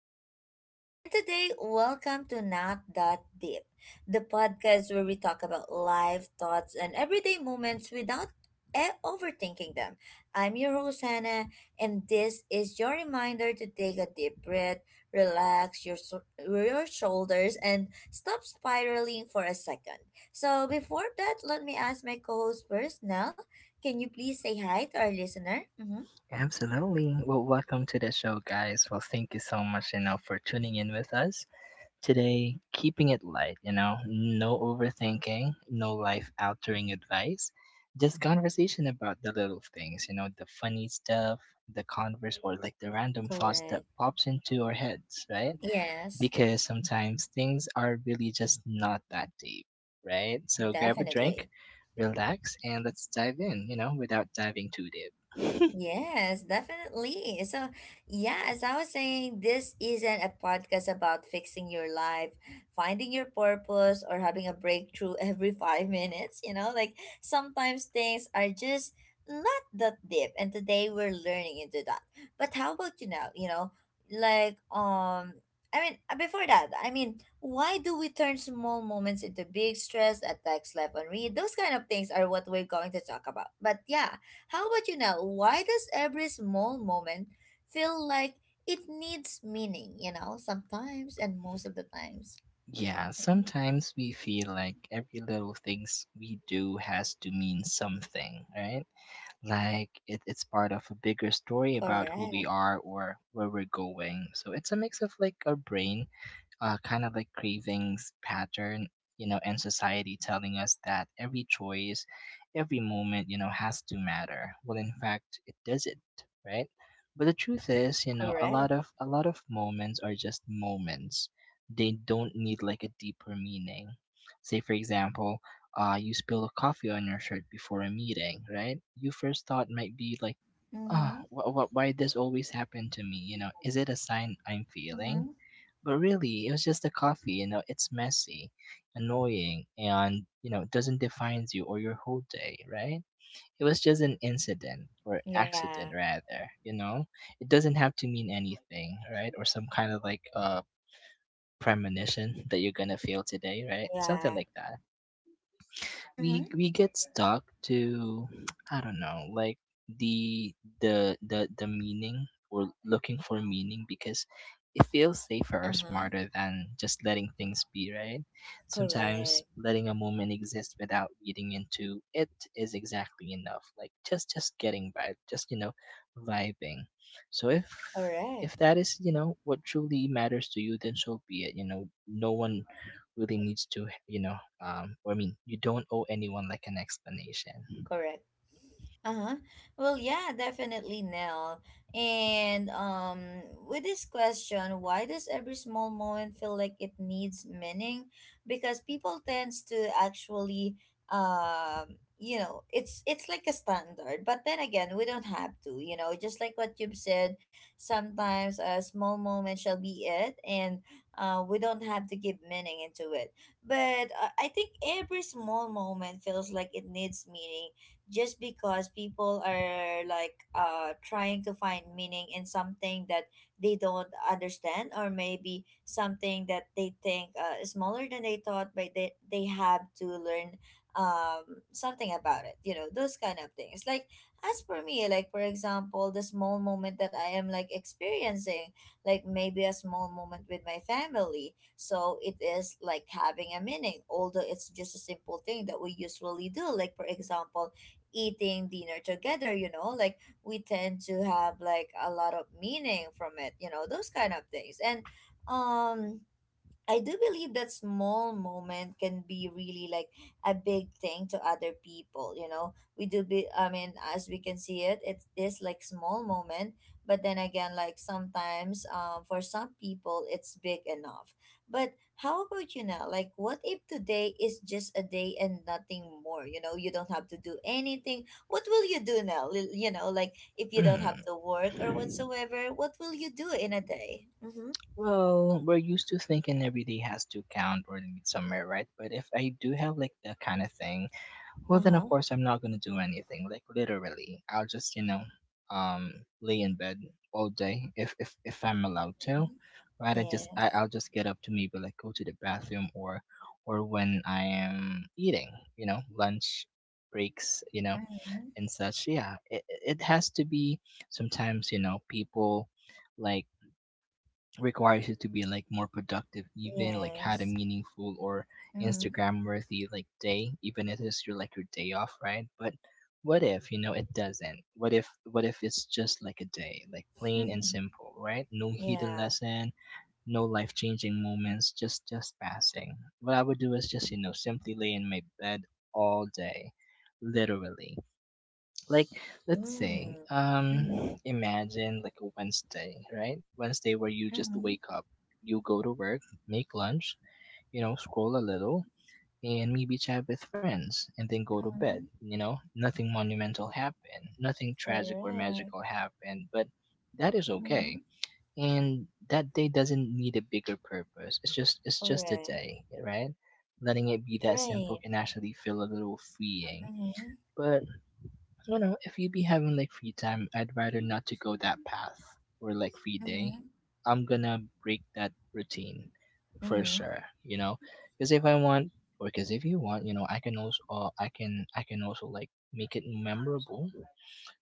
Nell. And today, welcome to Not That Deep, the podcast where we talk about life, thoughts, and everyday moments without overthinking them. I'm your host, Hannah, and this is your reminder to take a deep breath, relax your shoulders, and stop spiraling for a second. So, before that, let me ask my co host first, Nell. Can you please say hi to our listener? Mm-hmm. Absolutely. Well, welcome to the show, guys. Well, thank you so much, for tuning in with us today. Keeping it light, no overthinking, no life altering advice, just conversation about the little things, the funny stuff, the converse, or like the random thoughts that Correct. pops into our heads, right? Yes, Because sometimes things are really just not that deep, right? So grab a drink, definitely. relax, and let's dive in, without diving too deep. Yes, definitely. So, yeah, as I was saying, this isn't a podcast about fixing your life, finding your purpose, or having a breakthrough every 5 minutes. You know, like sometimes things are just not that deep, and today we're learning into that. But how about you now? You know, like, I mean, before that, I mean, why do we turn small moments into big stress, attacks, life on read? Those kind of things are what we're going to talk about. But yeah, how about you now? Why does every small moment feel like it needs meaning, you know, sometimes and most of the times? Yeah, Mhm. sometimes we feel like every little things we do has to mean something, right? Like it's part of a bigger story about who we Correct, are or where we're going. So it's a mix of like our brain kind of like cravings pattern, you know, and society telling us that every choice, every moment, you know, has to matter. Well, in fact, it doesn't, right? But the truth is, you know, a correct. lot of a lot of moments are just moments. They don't need like a deeper meaning. Say, for example, you spill a coffee on your shirt before a meeting, right? Your first thought might be like, ah, Mm-hmm. Why this always happen to me? You know, is it a sign I'm Mm-hmm. feeling? But really, it was just the coffee, you know, it's messy, annoying, and, you know, doesn't define you or your whole day, right? It was just an incident or Yeah, accident rather, you know? It doesn't have to mean anything, right? Or some kind of like premonition that you're gonna fail today, right? Something yeah. like that Mm-hmm. we get stuck to, I don't know, like the the meaning or looking for meaning because it feels safer or Uh-huh. smarter than just letting things be, right? Sometimes Correct, letting a moment exist without reading into it is exactly enough. Like just getting by, just, you know, vibing. So if correct, if that is, you know, what truly matters to you, then so be it. You know, no one really needs to, you don't owe anyone like an explanation. correct. Uh-huh. Well, yeah, definitely, Nell. And with this question, why does every small moment feel like it needs meaning? Because people tends to actually you know, it's like a standard. But then again, we don't have to, you know, just like what you've said, sometimes a small moment shall be it and we don't have to give meaning into it. But I think every small moment feels like it needs meaning just because people are like trying to find meaning in something that they don't understand, or maybe something that they think is smaller than they thought, but they have to learn something about it, you know, those kind of things. Like, as for me, like for example, the small moment that I am like experiencing, like maybe a small moment with my family, so it is like having a meaning, although it's just a simple thing that we usually do, like for example eating dinner together, you know, like we tend to have like a lot of meaning from it, you know, those kind of things. And um I do believe that small moment can be really like a big thing to other people, you know. We do be, I mean, as we can see it, it is like small moment, but then again, like sometimes for some people it's big enough. But how about you now? Like, what if today is just a day and nothing more? You know, you don't have to do anything. What will you do now? You know, like if you don't have to work or whatsoever, what will you do in a day? Mhm. Well, we're used to thinking every day has to count or lead somewhere, right? But if I do have like that kind of thing, well, then of Uh-huh. course I'm not gonna do anything. Like literally, I'll just, you know, um, lay in bed all day if I'm allowed to, right? Yes. I'll just get up to maybe like go to the bathroom or when I am eating, you know, lunch breaks, you know, Mhm. and such. Yeah, it has to be. Sometimes, you know, people like requires you to be like more productive, even like had a Yes. meaningful or Mhm. instagram worthy like day, even if it's your like your day off, right? But what if, you know, it doesn't? What if it's just like a day, like plain and simple, right? No hidden Yeah. lesson, no life changing moments, just passing. What I would do is just, you know, simply lay in my bed all day, literally, like. Let's say, Mm. Mhm. imagine like a Wednesday, right? Wednesday where you just Mhm. wake up, you go to work, make lunch, you know, scroll a little, and maybe chat with friends, and then go to bed. Mhm. You know, nothing monumental happened, nothing tragic or Correct. magical happened, but that is okay. Mhm. And that day doesn't need a bigger purpose. It's just a Correct. day, right? Letting it be that simple Right. can actually feel a little freeing. Mhm. But you know, if you be having like free time, I'd rather not to go that path, or like free day. Mhm. I'm gonna break that routine for Mhm. sure. You know, because if I want, or because if you want, you know, I can also, I can also like make it memorable.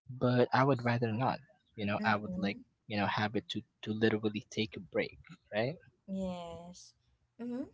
But I would rather not. You know, I would like, Mhm. you know, have it to literally take a break, right? Yes. Mhm.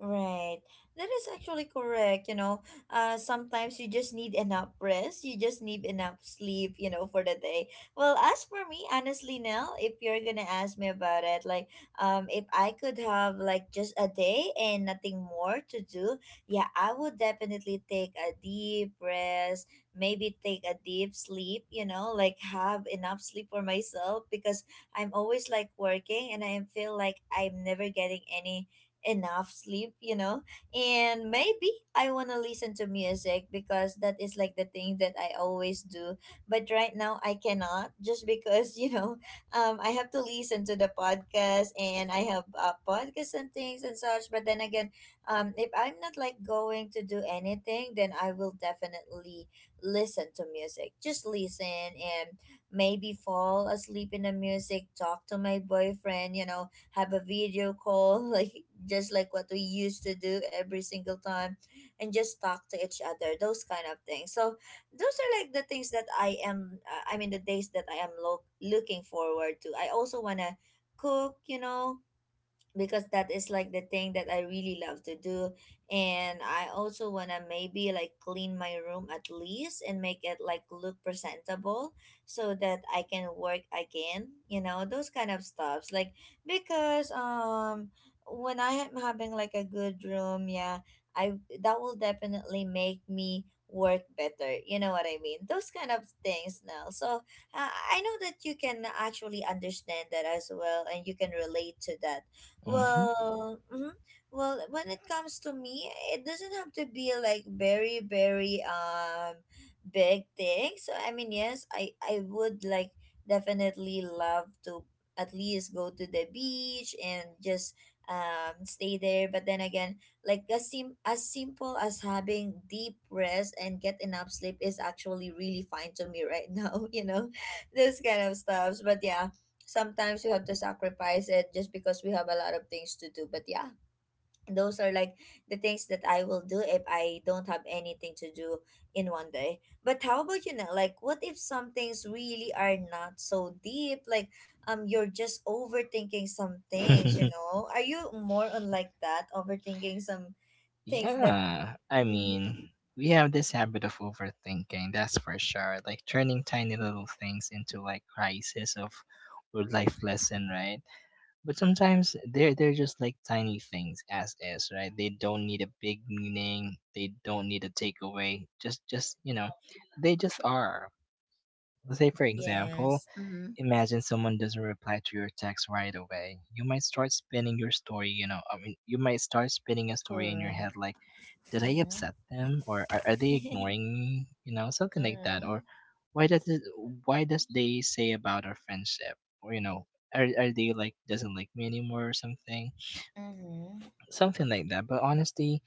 Right. That is actually correct. You know, sometimes you just need enough rest. You just need enough sleep, you know, for the day. Well, as for me, honestly, now, if you're gonna ask me about it, like, if I could have like just a day and nothing more to do, yeah, I would definitely take a deep rest, maybe take a deep sleep, you know, like have enough sleep for myself, because I'm always like working and I feel like I'm never getting any enough sleep, you know. And maybe I want to listen to music because that is like the thing that I always do. But right now I cannot, just because, you know, I have to listen to the podcast, and I have podcasts and things and such. But then again, if I'm not like going to do anything, then I will definitely listen to music. Just listen and maybe fall asleep in the music, talk to my boyfriend, you know, have a video call like just like what we used to do every single time, and just talk to each other, those kind of things. So those are like the things that I am, I mean, the days that I am looking forward to. I also want to cook, you know, because that is like the thing that I really love to do. And I also want to maybe like clean my room at least, and make it like look presentable so that I can work again, you know, those kind of stuffs. Like, because, when I am having like a good room, yeah, I that will definitely make me work better. You know what I mean? Those kind of things now. So I know that you can actually understand that as well, and you can relate to that, Mm-hmm. well, mhm. Well, when it comes to me, it doesn't have to be like very, very big thing. So I mean, yes, I would like definitely love to at least go to the beach and just stay there. But then again, like, as simple as having deep rest and get enough sleep is actually really fine to me right now. You know, those kind of stuffs. But yeah, sometimes we have to sacrifice it just because we have a lot of things to do. But yeah, those are like the things that I will do if I don't have anything to do in one day. But how about, you know, like, what if some things really are not so deep? Like you're just overthinking some things, you know. Are you more on like that, overthinking some things that, Yeah, I mm-hmm, mean, we have this habit of overthinking, that's for sure. Like turning tiny little things into like crisis of or life lesson, right? But sometimes they're just like tiny things as is, right? They don't need a big meaning. They don't need a takeaway. Just you know, they just are. Say for example, Yes. Mm-hmm. imagine someone doesn't reply to your text right away. You might start spinning your story, you might start spinning a story in your Correct. head like, did I Mm-hmm, upset them? Or are they ignoring me? You know, something like that. mm-hmm, Or why does it, why does they say about our friendship? Or, you know, are they like, doesn't like me anymore or something? Mm-hmm. Something like that. But honestly,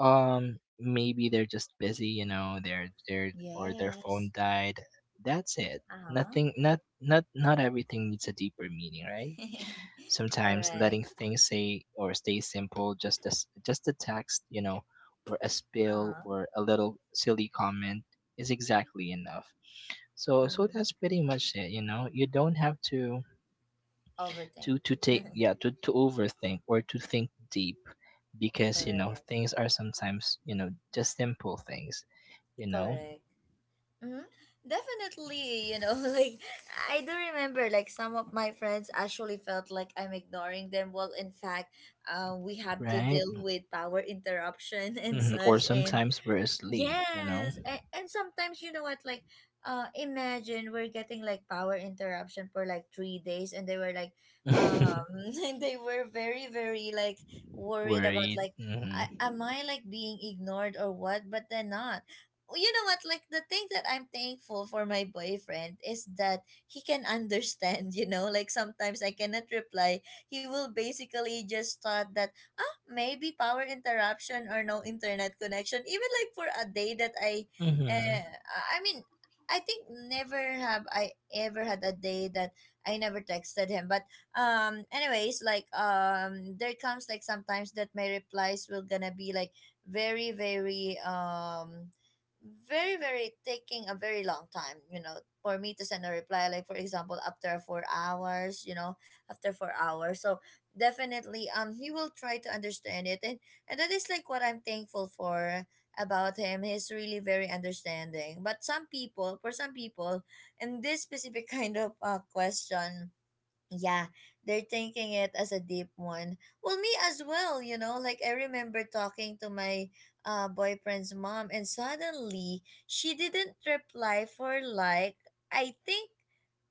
maybe they're just busy, you know, they're or their Yes. phone died. That's it. Uh-huh. Nothing, not everything needs a deeper meaning, right? Sometimes Correct. letting things say or stay simple, just as just a text, you know, or a spill Uh-huh. or a little silly comment is exactly enough. So Mm-hmm. that's pretty much it, you know. You don't have Overthink. to take yeah to overthink or to think deep, because you know Correct. things are sometimes, you know, just simple things, you know. Correct. Mm-hmm. Definitely, you know, like I do remember like some of my friends actually felt like I'm ignoring them. Well, in fact, we have to Right. deal with power interruption and Hmm, or such, and sometimes we're asleep, you know. yes, and sometimes you know what, like, imagine we're getting like power interruption for like 3 days, and they were like, um, and they were very, very like worried about Worried. like, Hmm. Am I like being ignored or what? But they're not. You know what, like the thing that I'm thankful for my boyfriend is that he can understand. You know, like sometimes I cannot reply. He will basically just thought that maybe power interruption or no internet connection, even like for a day that I, Hmm. uh, I mean, I think never have I ever had a day that I never texted him. But anyways, like there comes like sometimes that my replies will gonna be like very very very very taking a very long time, you know, for me to send a reply, like for example after 4 hours, you know, after 4 hours. So definitely he will try to understand it, and that is like what I'm thankful for about him. He's really very understanding. But some people, for some people, in this specific kind of question, yeah, they're taking it as a deep one. Well, me as well, you know, like I remember talking to my boyfriend's mom, and suddenly she didn't reply for like, I think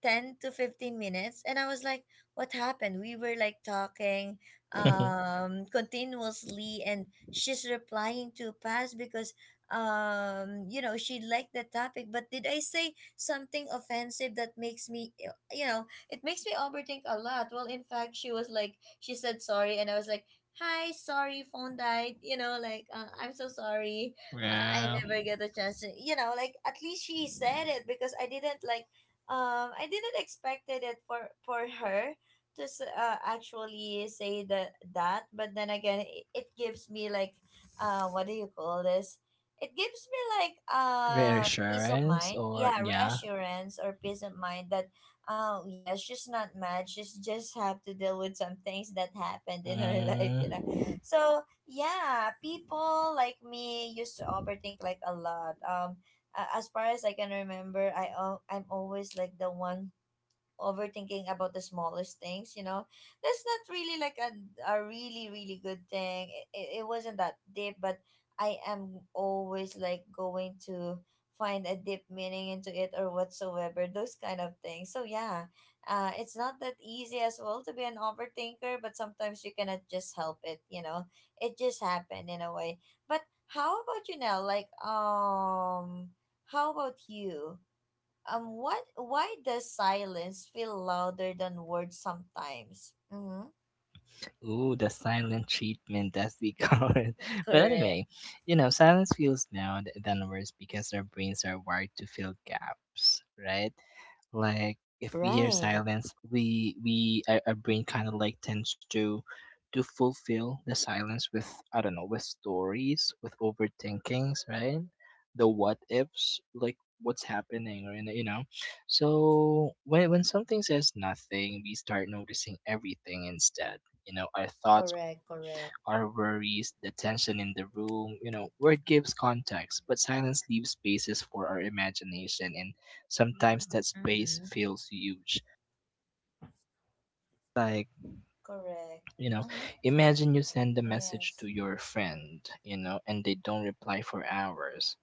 10 to 15 minutes. And I was like, what happened? We were like talking continuously, and she's replying too fast because, you know, she liked the topic. But did I say something offensive that makes me, you know, it makes me overthink a lot. Well, in fact, she was like, she said sorry, and I was like, hi, sorry, phone died. You know, like, I'm so sorry. I Yeah, never get a chance to, you know, like, at least she said it because I didn't, like, I didn't expected it for her to actually say that. But then again, it gives me like what do you call this, it gives me like peace of reassurance. mind, Or yeah, yeah. reassurance or peace of mind that, oh yeah, she's not mad. She's just have to deal with some things that happened in her life, you know. Mm. So yeah, people like me used to overthink like a lot. As far as I can remember, I'm always like the one overthinking about the smallest things, you know. That's not really like a really really good thing. It wasn't that deep, but I am always like going to find a deep meaning into it or whatsoever, those kind of things. So yeah, it's not that easy as well to be an overthinker, but sometimes you cannot just help it, you know, it just happened in a way. But how about you now, like, how about you, what? Why does silence feel louder than words sometimes? Mm-hmm. Ooh, the silent treatment, as we call it. But Correct. anyway, you know, silence feels now than worse because our brains are wired to fill gaps, right? Like if we hear Right. silence, our brain kind of like tends to fulfill the silence with, I don't know, with stories, with overthinkings, right? The what ifs, like what's happening, or in the- you know. So when something says nothing, we start noticing everything instead. You know, our thoughts, Correct. Correct. our worries, the tension in the room, you know, word gives context, but silence leaves spaces for our imagination, and sometimes that space Mm-hmm. feels huge. Like, Correct. you know, Mm-hmm. imagine you send a message Yes. to your friend, you know, and they don't reply for hours.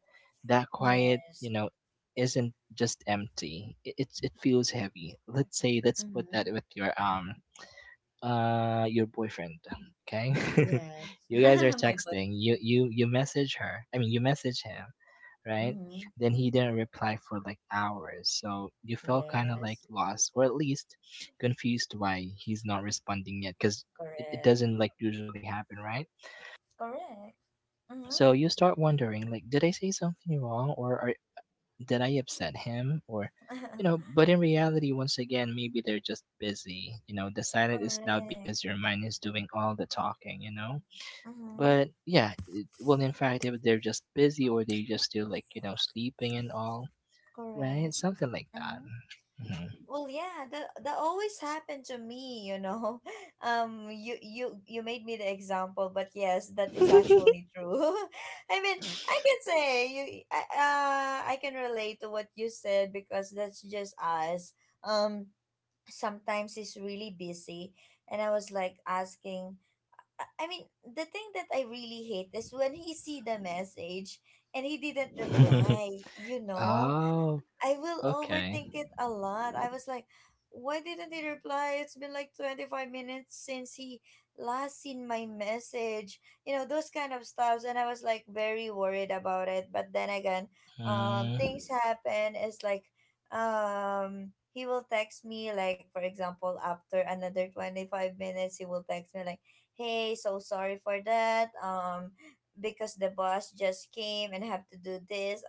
That quiet, you Yes. know, isn't just empty. It feels heavy. Let's say, let's put that Mm-hmm. with your boyfriend, okay? Yes. You guys are My boy. texting. You message her, I mean, you message him, right? Mm-hmm. Then he didn't reply for like hours, so you felt kind of like Yes. lost, or at least confused why he's not responding yet, because it Correct. doesn't like usually happen, right? Correct. Mm-hmm. So you start wondering like, did I say something wrong? Did I upset him? Or, you know, but in reality, once again, maybe they're just busy. You know, the silence is loud Correct. because your mind is doing all the talking, you know? Mm-hmm. But yeah, it, well, in fact, if they're just busy or they just still like, you know, sleeping and all, right? Correct. Something like that. Mm-hmm. Well, yeah, that always happened to me, you know. You made me the example, but yes, that is actually true. I mean, I Mhm. can say you, I can relate to what you said because that's just us. Um, sometimes it's really busy, and I was like asking. I mean, the thing that I really hate is when he see the message and he didn't reply. You know, Oh, I will okay. overthink it a lot. I was like, why didn't he reply? It's been like 25 minutes since he last seen my message. You know, those kind of stuffs. And I was like very worried about it. But then again, Mm. things happen. It's like, he will text me, like, for example, after another 25 minutes, he will text me, like, hey, so sorry for that. Because the boss just came and have to do this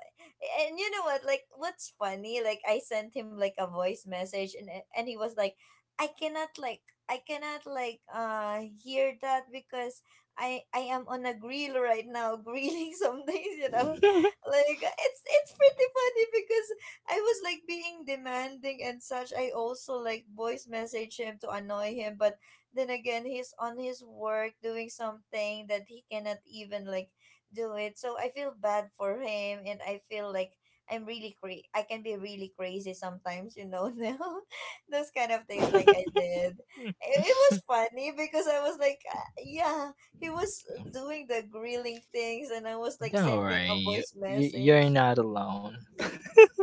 and you know what? Like, what's funny? Like, I sent him like a voice message, and and he was like, "I cannot like, I cannot like, hear that because I am on a grill right now, grilling some things, you know." Like, it's pretty funny because I was like being demanding and such. I also like voice message him to annoy him, but then again, he's on his work doing something that he cannot even like do it. So I feel bad for him and I feel like I can be really crazy sometimes, you know, now. Those kind of things like I did. It was funny because I was like, yeah, he was doing the grilling things and I was like Don't sending worry, a voice you- message. you're not alone.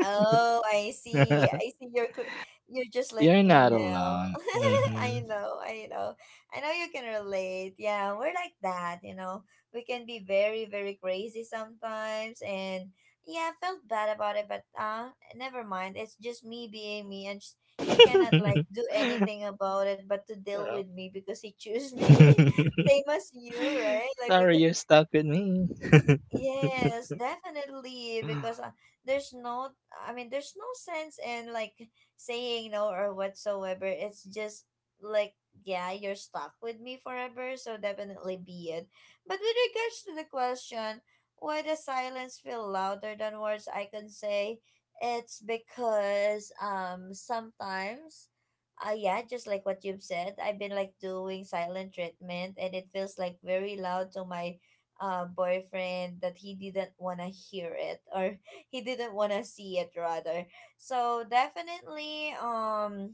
Oh, I see. You're just like You're me not now. alone. Hmm. I know, I know. I know you can relate. Yeah, we're like that, you know. We can be very, very crazy sometimes and yeah, I felt bad about it, but never mind. It's just me being me and he cannot like do anything about it but to deal with me because he chose me. Same as you, right? Like Sorry, because you're stuck with me. yes, definitely. Because there's no, I mean, there's no sense in like saying no or whatsoever. It's just like, yeah, you're stuck with me forever, so definitely be it. But with regards to the question, why does silence feel louder than words? I can say it's because sometimes. Yeah, just like what you've said, I've been like doing silent treatment and it feels like very loud to my boyfriend that he didn't want to hear it or he didn't want to see it rather. So definitely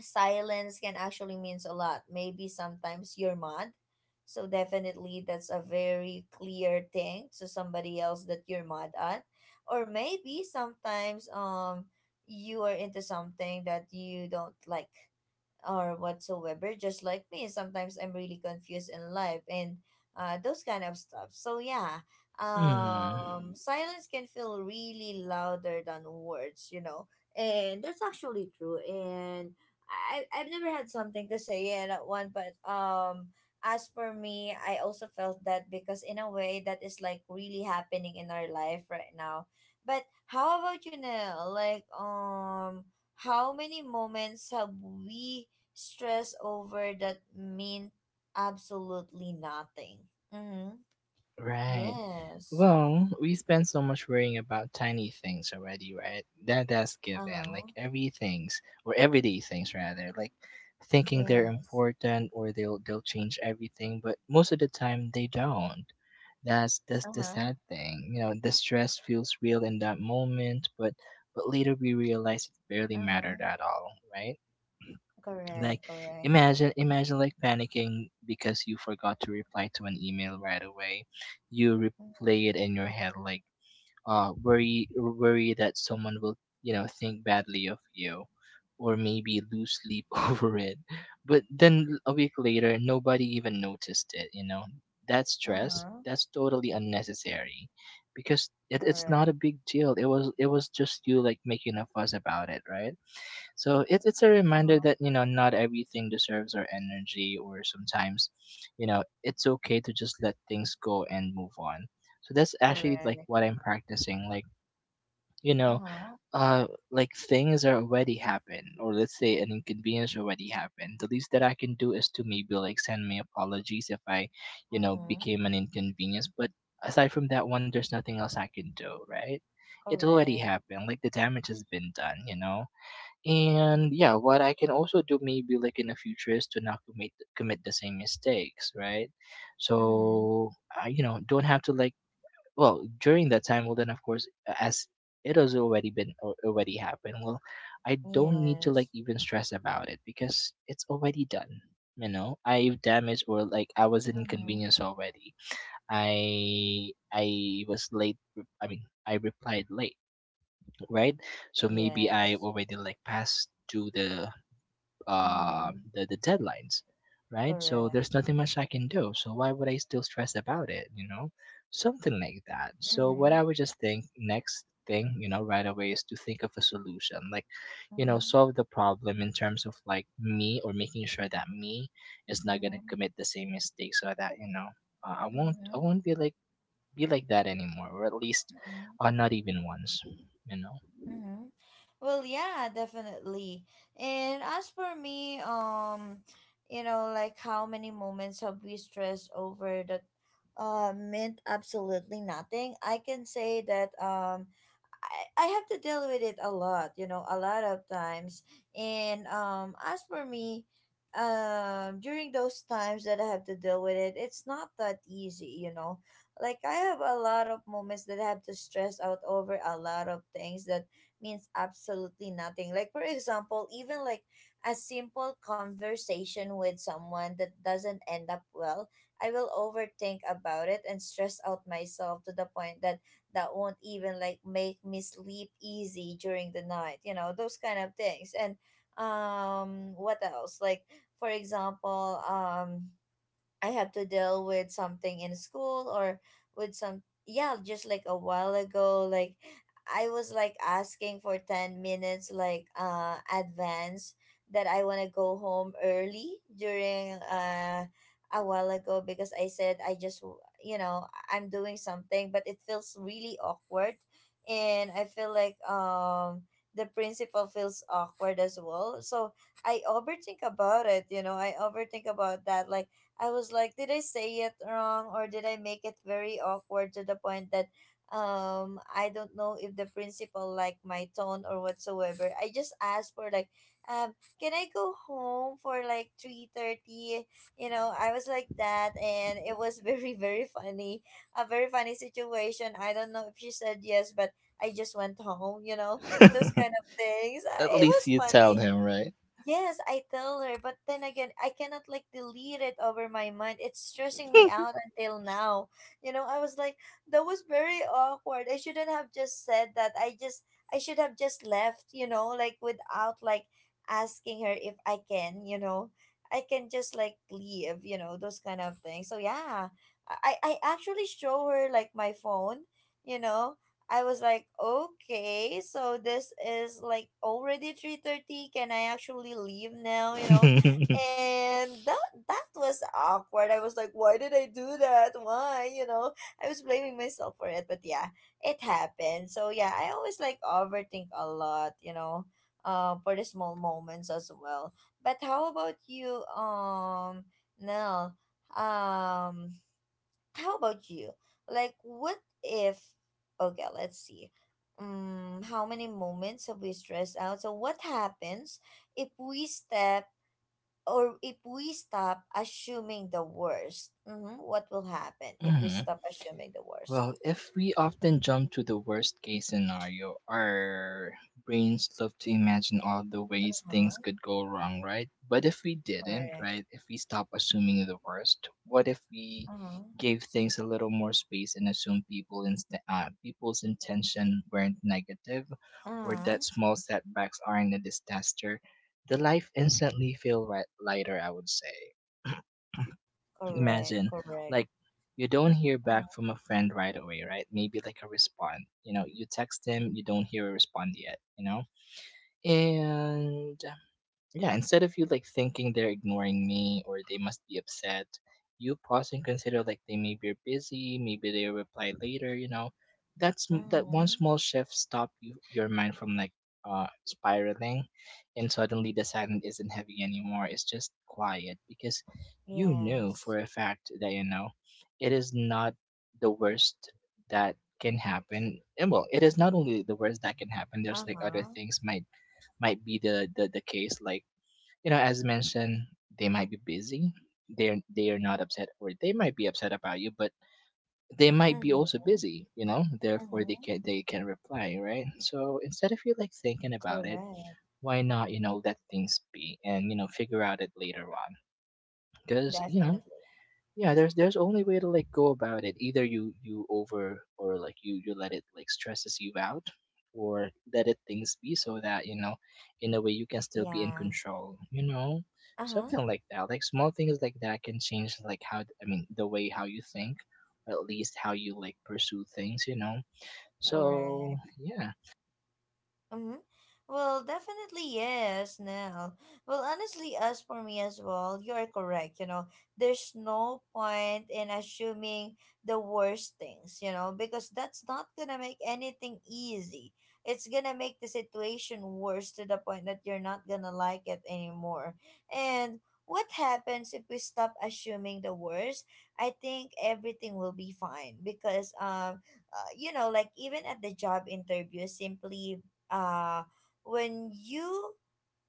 silence can actually means a lot. Maybe sometimes you're mad, so definitely that's a very clear thing to somebody else that you're mad at, or maybe sometimes you are into something that you don't like or whatsoever, just like me. Sometimes I'm really confused in life and those kind of stuff. So yeah, Mm. Silence can feel really louder than words, you know, and that's actually true. And I've never had something to say yet at one, but. As for me, I also felt that because in a way that is like really happening in our life right now. But how about you, Nell? Like, how many moments have we stress over that mean absolutely nothing. Mm-hmm. Right. Yes. Well, we spend so much worrying about tiny things already, right? That that's given. Like Uh-huh. every things or everyday things rather, like thinking they're Yes. important or they'll change everything, but most of the time they don't. That's the Uh-huh. sad thing. You know, the stress feels real in that moment, but later we realize it barely Uh-huh. mattered at all, right? Like, Correct, correct. imagine like panicking because you forgot to reply to an email right away. You Uh-huh. replay it in your head like, worry that someone will, you know, think badly of you, or maybe lose sleep over it. But then a week later nobody even noticed it, you know. That stress, Uh-huh. that's totally unnecessary, because it, it's not Correct. a big deal. It was just you like making a fuss about it, right? So it, it's a reminder Uh-huh. that, you know, not everything deserves our energy. Or sometimes, you know, it's okay to just let things go and move on. So that's actually like Correct. what I'm practicing. Like, you know, Uh-huh. uh like things are already happened, or let's say an inconvenience already happened. The least that I can do is to maybe like send me apologies if I, you know, Mm-hmm. became an inconvenience. But aside from that one, there's nothing else I can do, right? It already Correct. happened. Like the damage has been done, you know? And yeah, what I can also do maybe like in the future is to not commit the same mistakes, right? Mm-hmm. So I, don't have to like well during that time, well, then of course, as it has already already happened. Well, I don't need to Yes. like even stress about it because it's already done. You know, I've damaged or like I was an Mm-hmm. inconvenience already. I was I mean I replied late, right? So maybe I Yes. already like passed to the uh, Mm-hmm. the, the deadlines, right? So Correct. there's nothing much I can do. So why would I still stress about it, you know? Something like that. So what Mm-hmm. I would just think next thing you know right away is to think of a solution, like, Mm-hmm. solve the problem in terms of like me or making sure that me is not going Mm-hmm. to commit the same mistake so that i won't i Mm-hmm. won't be like that anymore, or at least Mm-hmm. Not even once, you know. Mm-hmm. Well, yeah, definitely. And as for me, you know, like how many moments have we stressed over that meant absolutely nothing? I can say that I have to deal with it a lot, you know, a lot of times. And as for me, during those times that I have to deal with it, it's not that easy, you know. Like I have a lot of moments that I have to stress out over a lot of things that means absolutely nothing. Like for example, even like a simple conversation with someone that doesn't end up well, I will overthink about it and stress out myself to the point that that won't even like make me sleep easy during the night, you know, those kind of things. And what else, like for example I have to deal with something in school or with some yeah, just like a while ago, like I was like asking for 10 minutes like advance that I wanna go home early during a while ago because I said I just you know, I'm doing something but it feels really awkward and I feel like the principal feels awkward as well. So I overthink about it, you know, I overthink about that like I was like, did I say it wrong or did I make it very awkward to the point that I don't know if the principal liked my tone or whatsoever. I just asked for like um can I go home for like 3:30? You know, I was like that and it was very very funny. A very funny situation. I don't know if she said yes, but I just went home, you know. Those kind of things. At It least was you tell funny. him, right? Yes, I tell her, but then again, I cannot like delete it over my mind. It's stressing me out until now. You know, I was like, that was very awkward. I shouldn't have just said that. I just, I should have just left, you know, like without like asking her if I can, you know, I can just like leave, you know, those kind of things. So yeah, I actually show her like my phone, you know, I was like, okay, so this is like already 3:30. Can I actually leave now, you know? And that that was awkward. I was like, why did I do that? Why, you know? I was blaming myself for it, but yeah, it happened. So yeah, I always like overthink a lot, you know, for the small moments as well. But how about you, Nell? Um, how about you? Like, what if? Okay, let's see. How many moments have we stressed out? So, what happens if we step or if we stop assuming the worst? Mm-hmm. What will happen if we Hmm. stop assuming the worst? Well, if we often jump to the worst case scenario, our brains love to imagine all the ways Uh-huh. things could go wrong, right? But if we didn't, Correct. right? If we stop assuming the worst, what if we Uh-huh. gave things a little more space and assumed people's intention weren't negative, or Uh-huh. that small setbacks aren't a disaster? The life instantly feel lighter, I would say. Correct. Imagine, Correct. like, you don't hear back Uh-huh. from a friend right away, right? Maybe like a respond. You know, you text them, you don't hear a respond yet, you know? And yeah, instead of you like thinking they're ignoring me or they must be upset, you pause and consider like they may be busy, maybe they'll reply later, you know. That one Mm-hmm. small shift stop you your mind from like spiraling, and suddenly the silence isn't heavy anymore. It's just quiet because you know Yes. for a fact that you know it is not the worst that can happen. And well it is not only the worst that can happen. There's like other Uh-huh. things might be the case. Like you know, as mentioned, they might be busy. They are not upset, or they might be upset about you, but they might be also Mm-hmm. busy. You know, therefore Mm-hmm. They can reply, right? So instead of you like thinking about it, Correct. why not you know let things be and you know figure out it later on? Because you know Definitely. yeah there's only way to like go about it, either you over, or like you let it like stresses you out, or let it things be so that you know in a way you can still be in Yeah. control, you know. Uh-huh. Something like that. Like small things like that can change like how, I mean, the way how you think, or at least how you like pursue things, you know. So Correct. yeah. Mm-hmm. Well, definitely yes, Nell. Well, honestly, as for me as well, you are correct. You know, there's no point in assuming the worst things, you know, because that's not gonna make anything easy. It's gonna make the situation worse to the point that you're not gonna like it anymore. And what happens if we stop assuming the worst? I think everything will be fine because, you know, like even at the job interview, simply uh, when you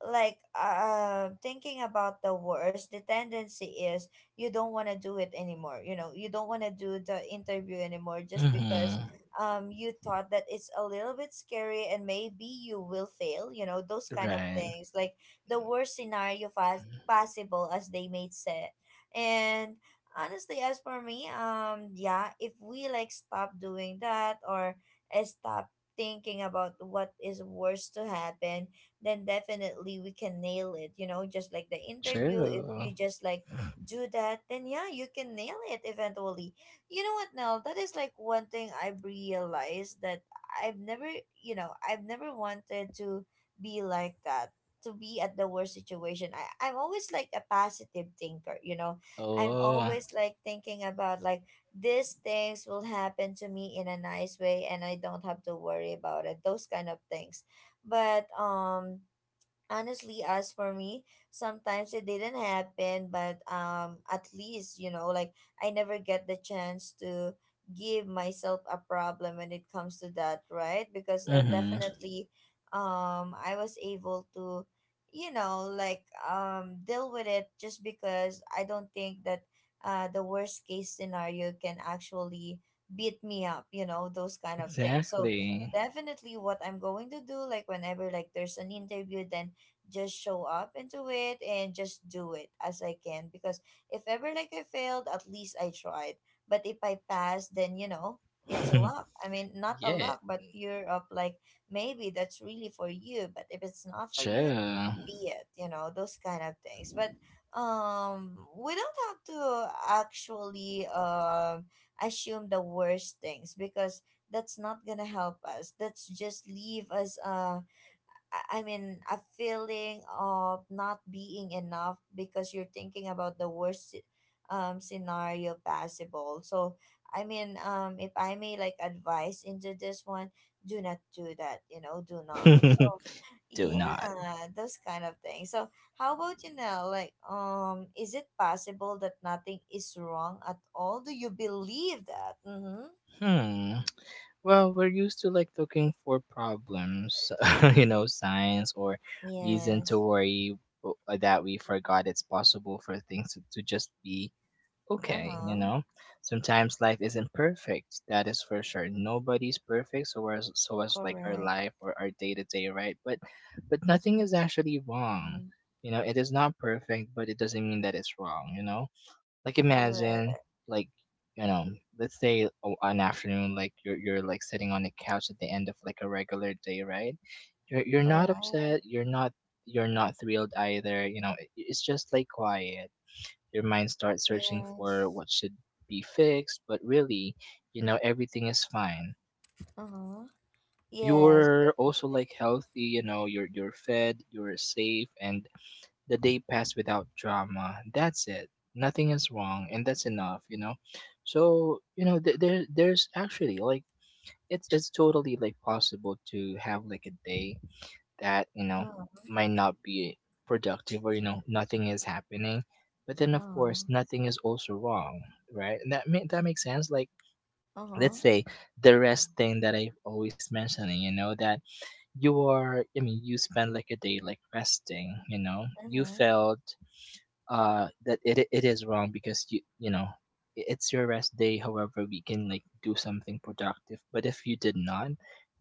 like thinking about the worst, the tendency is you don't want to do it anymore, you know, you don't want to do the interview anymore just because Hmm. You thought that it's a little bit scary and maybe you will fail, you know, those kind of Right. things, like the worst scenario fast possible as they made said. And honestly, as for me, yeah, if we like stop doing that or stop thinking about what is worse to happen, then definitely we can nail it, you know, just like the interview, if True. you just like do that, then yeah, you can nail it eventually. You know what, Nell? That is like one thing I've realized, that I've never, you know, I've never wanted to be like that, to be at the worst situation. I'm always like a positive thinker, you know, I'm Oh. always like thinking about like these things will happen to me in a nice way and I don't have to worry about it, those kind of things. But honestly, as for me, sometimes it didn't happen, but at least you know like I never get the chance to give myself a problem when it comes to that, right? Because Hmm. definitely I was able to, you know, like deal with it just because I don't think that the worst case scenario can actually beat me up, you know, those kind of things. So Exactly. definitely what I'm going to do, like whenever like there's an interview, then just show up into it and just do it as I can because if ever like I failed, at least I tried. But if I pass, then it's a luck. I mean, not a Yeah. luck, but pure of like maybe that's really for you, but if it's not for you, True. be it, you know, those kind of things. But we don't have to actually assume the worst things because that's not gonna help us. That's just leave us I mean, a feeling of not being enough because you're thinking about the worst scenario possible. So, I mean, if I may like advise into this one, do not do that, you know, do not. So, Do not. yeah, those kind of things. So, how about you now? Like, is it possible that nothing is wrong at all? Do you believe that? Mm-hmm. Hmm. Well, we're used to like looking for problems, you know, signs or reason Yes. to worry that we forgot it's possible for things to just be Uh okay, you huh. know? Sometimes life isn't perfect, that is for sure. Nobody's perfect, so as like our Correct. life or our day to day, right? But nothing is actually wrong. Mm-hmm. You know, it is not perfect, but it doesn't mean that it's wrong, you know? Like imagine, Correct. like you know, let's say an afternoon, like you're like sitting on the couch at the end of like a regular day, right? You're not Correct. upset. You're not thrilled either. You know, it's just like quiet. Your mind starts searching for Yes. what should be fixed, but really, you know, everything is fine. Uh-huh. Yes, You're also definitely. like healthy. You know, you're fed. You're safe, and the day passed without drama. That's it. Nothing is wrong, and that's enough. You know, so you know there's actually like it's totally like possible to have like a day that you know Uh-huh. might not be productive, or you know nothing is happening, but then of Uh-huh. course nothing is also wrong, right? And that makes sense. Like Uh-huh. let's say the rest thing that I've always mentioning, you know, that you are I mean you spend like a day like resting, you know. You Uh-huh. felt that it is wrong because you know it's your rest day, however we can like do something productive, but if you did not,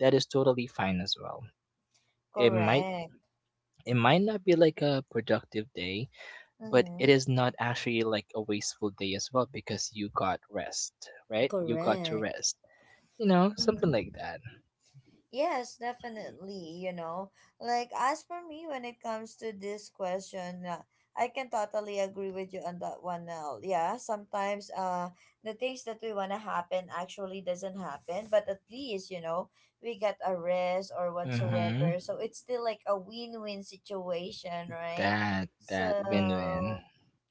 that is totally fine as well. it might Correct. it might not be like a productive day, but it Uh-huh. is not actually like a wasteful day as well because you got rest. Right, you got to Correct. rest. You know, something Uh-huh. like that. Yes, definitely. You know, like as for me, when it comes to this question, I can totally agree with you on that one. Now, yeah, sometimes the things that we wanna happen actually doesn't happen, but at least you know we get a rest or Mhm. whatsoever. So it's still like a win-win situation, right? That win-win. So,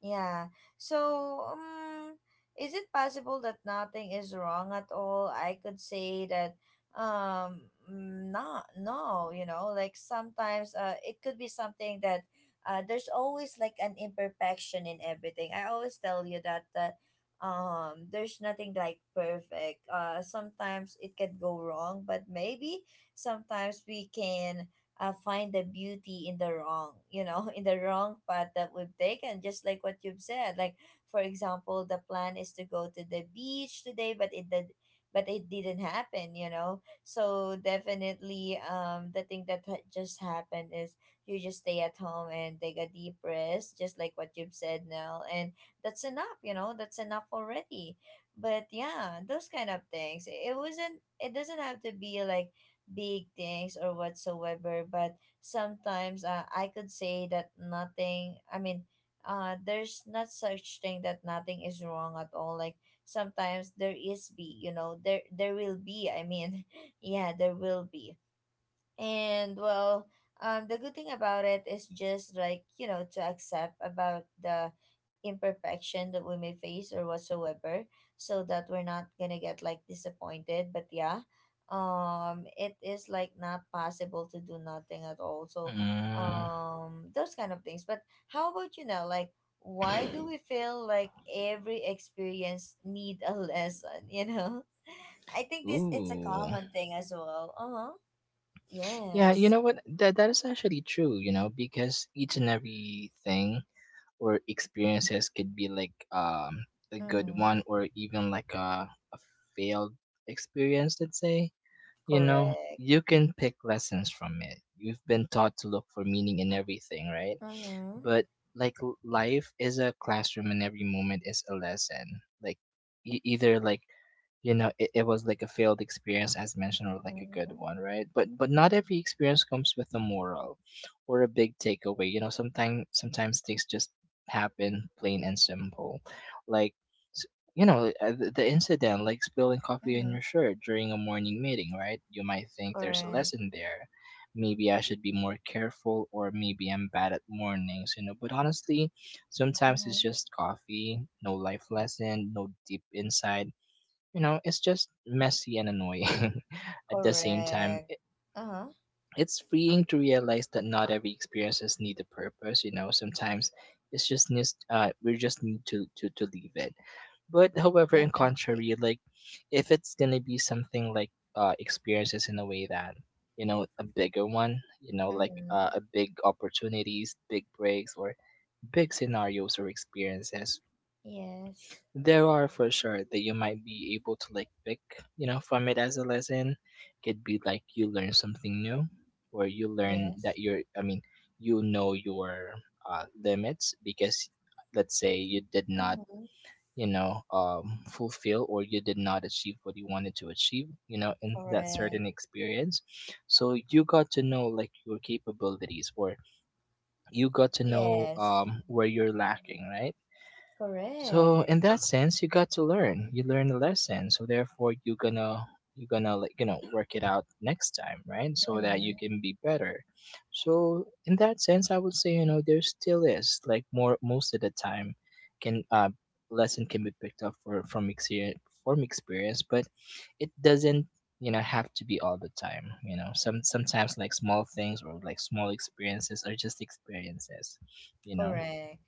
yeah. So, is it possible that nothing is wrong at all? I could say that not no you know like sometimes it could be something that there's always like an imperfection in everything. I always tell you that that there's nothing like perfect. Sometimes it can go wrong, but maybe sometimes we can find the beauty in the wrong, you know, in the wrong path that we've taken, just like what you've said. Like for example, the plan is to go to the beach today, but it didn't happen, you know. So definitely, the thing that just happened is you just stay at home and take a deep rest, just like what you've said, Nell, and that's enough. You know, that's enough already. But yeah, those kind of things. It wasn't. It doesn't have to be like big things or whatsoever. But sometimes, I could say that nothing. I mean, there's not such thing that nothing is wrong at all. Like sometimes there is be you know there will be, I mean, yeah, there will be, and well, the good thing about it is just like, you know, to accept about the imperfection that we may face or whatsoever, so that we're not gonna get like disappointed. But yeah, it is like not possible to do nothing at all. So Mm. Those kind of things. But how about you now, like why do we feel like every experience need a lesson, you know? I think this it's a Ooh. common thing as well. Uh-huh. Yeah, you Yes. know what? That is actually true, you know, because each and every thing or experiences could be like a good Mm-hmm. one or even like a failed experience, let's say. You know, Correct. you can pick lessons from it. You've been taught to look for meaning in everything, right? Mm-hmm. But like life is a classroom and every moment is a lesson. Like either like you know it was like a failed experience as mentioned or like a good Mm-hmm. one, right? But not every experience comes with a moral or a big takeaway, you know. Sometimes things just happen plain and simple. Like s- you know the incident like spilling coffee in Mm-hmm. your shirt during a morning meeting, right? You might think there's a Correct. lesson there, maybe I should be more careful or maybe I'm bad at mornings, you know. But honestly, sometimes Mm-hmm. it's just coffee. No life lesson, no deep insight. You know, it's just messy and annoying. At the same time, Correct. it, Uh-huh. it's freeing to realize that not every experiences need a purpose, you know. Sometimes we just need to leave it. But however in Definitely. contrary, like if it's gonna be something like experiences in a way that you know a bigger one, you know, like Mm-hmm. a big opportunities, big breaks, or big scenarios or experiences, Yes. there are for sure that you might be able to like pick, you know, from it as a lesson. Could be like you learn something new, or you learn that Yes. you're I mean you know your limits. Because let's say you did not Mm-hmm. you know fulfill or you did not achieve what you wanted to achieve, you know, in that Correct. certain experience. So you got to know like your capabilities, or you got to know Yes. Where you're lacking, right? So Correct. in that sense, you got to learn. You learn a lesson, so therefore you gonna like you know work it out next time, right? So that you Mm-hmm. can be better. So in that sense, I would say you know there still is like more most of the time can lesson can be picked up for from experience, but it doesn't you know have to be all the time. You know sometimes like small things or like small experiences are just experiences. You know. Correct.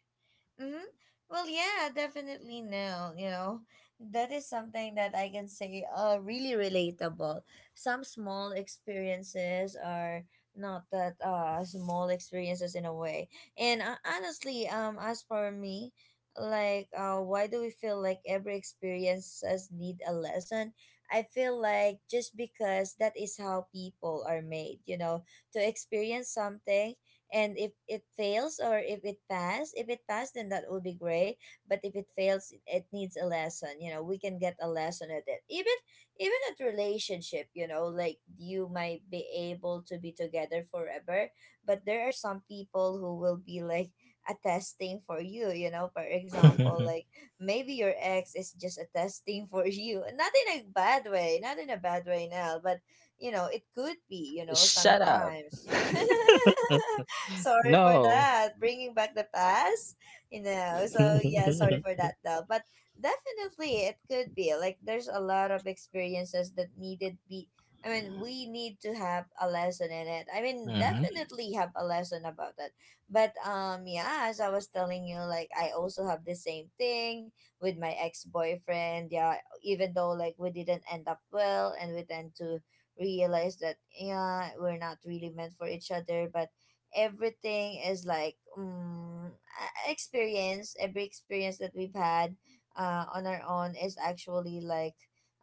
Mm-hmm. Well, yeah, definitely no. You know, that is something that I can say really relatable. Some small experiences are not that small experiences in a way. And honestly, as for me, like why do we feel like every experiences need a lesson? I feel like just because that is how people are made. You know, to experience something, and if it fails or if it pass, then that would be great. But if it fails, it needs a lesson, you know. We can get a lesson at it, even even at relationship, you know. Like you might be able to be together forever, but there are some people who will be like a testing for you, you know. For example, like maybe your ex is just a testing for you. Not in a bad way, not in a bad way now, but you know it could be, you know, Shut up. sometimes sorry for No. that. Bringing back the past, you know. So yeah, sorry for that though. But definitely, it could be like there's a lot of experiences that needed be. I mean, we need to have a lesson in it. I mean, Hmm. definitely have a lesson about it. But yeah, as I was telling you, like I also have the same thing with my ex boyfriend. Yeah, even though like we didn't end up well, and we tend to realize that yeah, we're not really meant for each other, but everything is like experience. Every experience that we've had on our own is actually like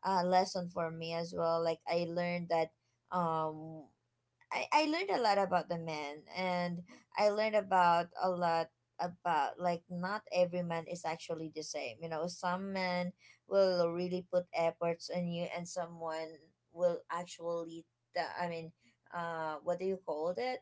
a lesson for me as well. Like I learned that um I learned a lot about the man, and I learned about a lot about like not every man is actually the same. You know, some men will really put efforts on you, and someone will actually I mean what do you call it?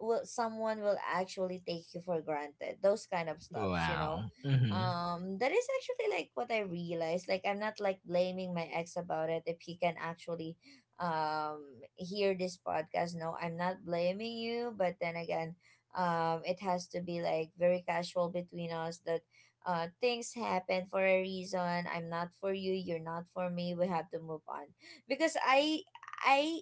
Will someone will actually take you for granted. Those kind of stuffs, you know. Wow. Hmm. That is actually like what I realized. Like I'm not like blaming my ex about it. If he can actually um hear this podcast, no, I'm not blaming you. But then again, it has to be like very casual between us that things happen for a reason. I'm not for you, you're not for me, we have to move on. Because I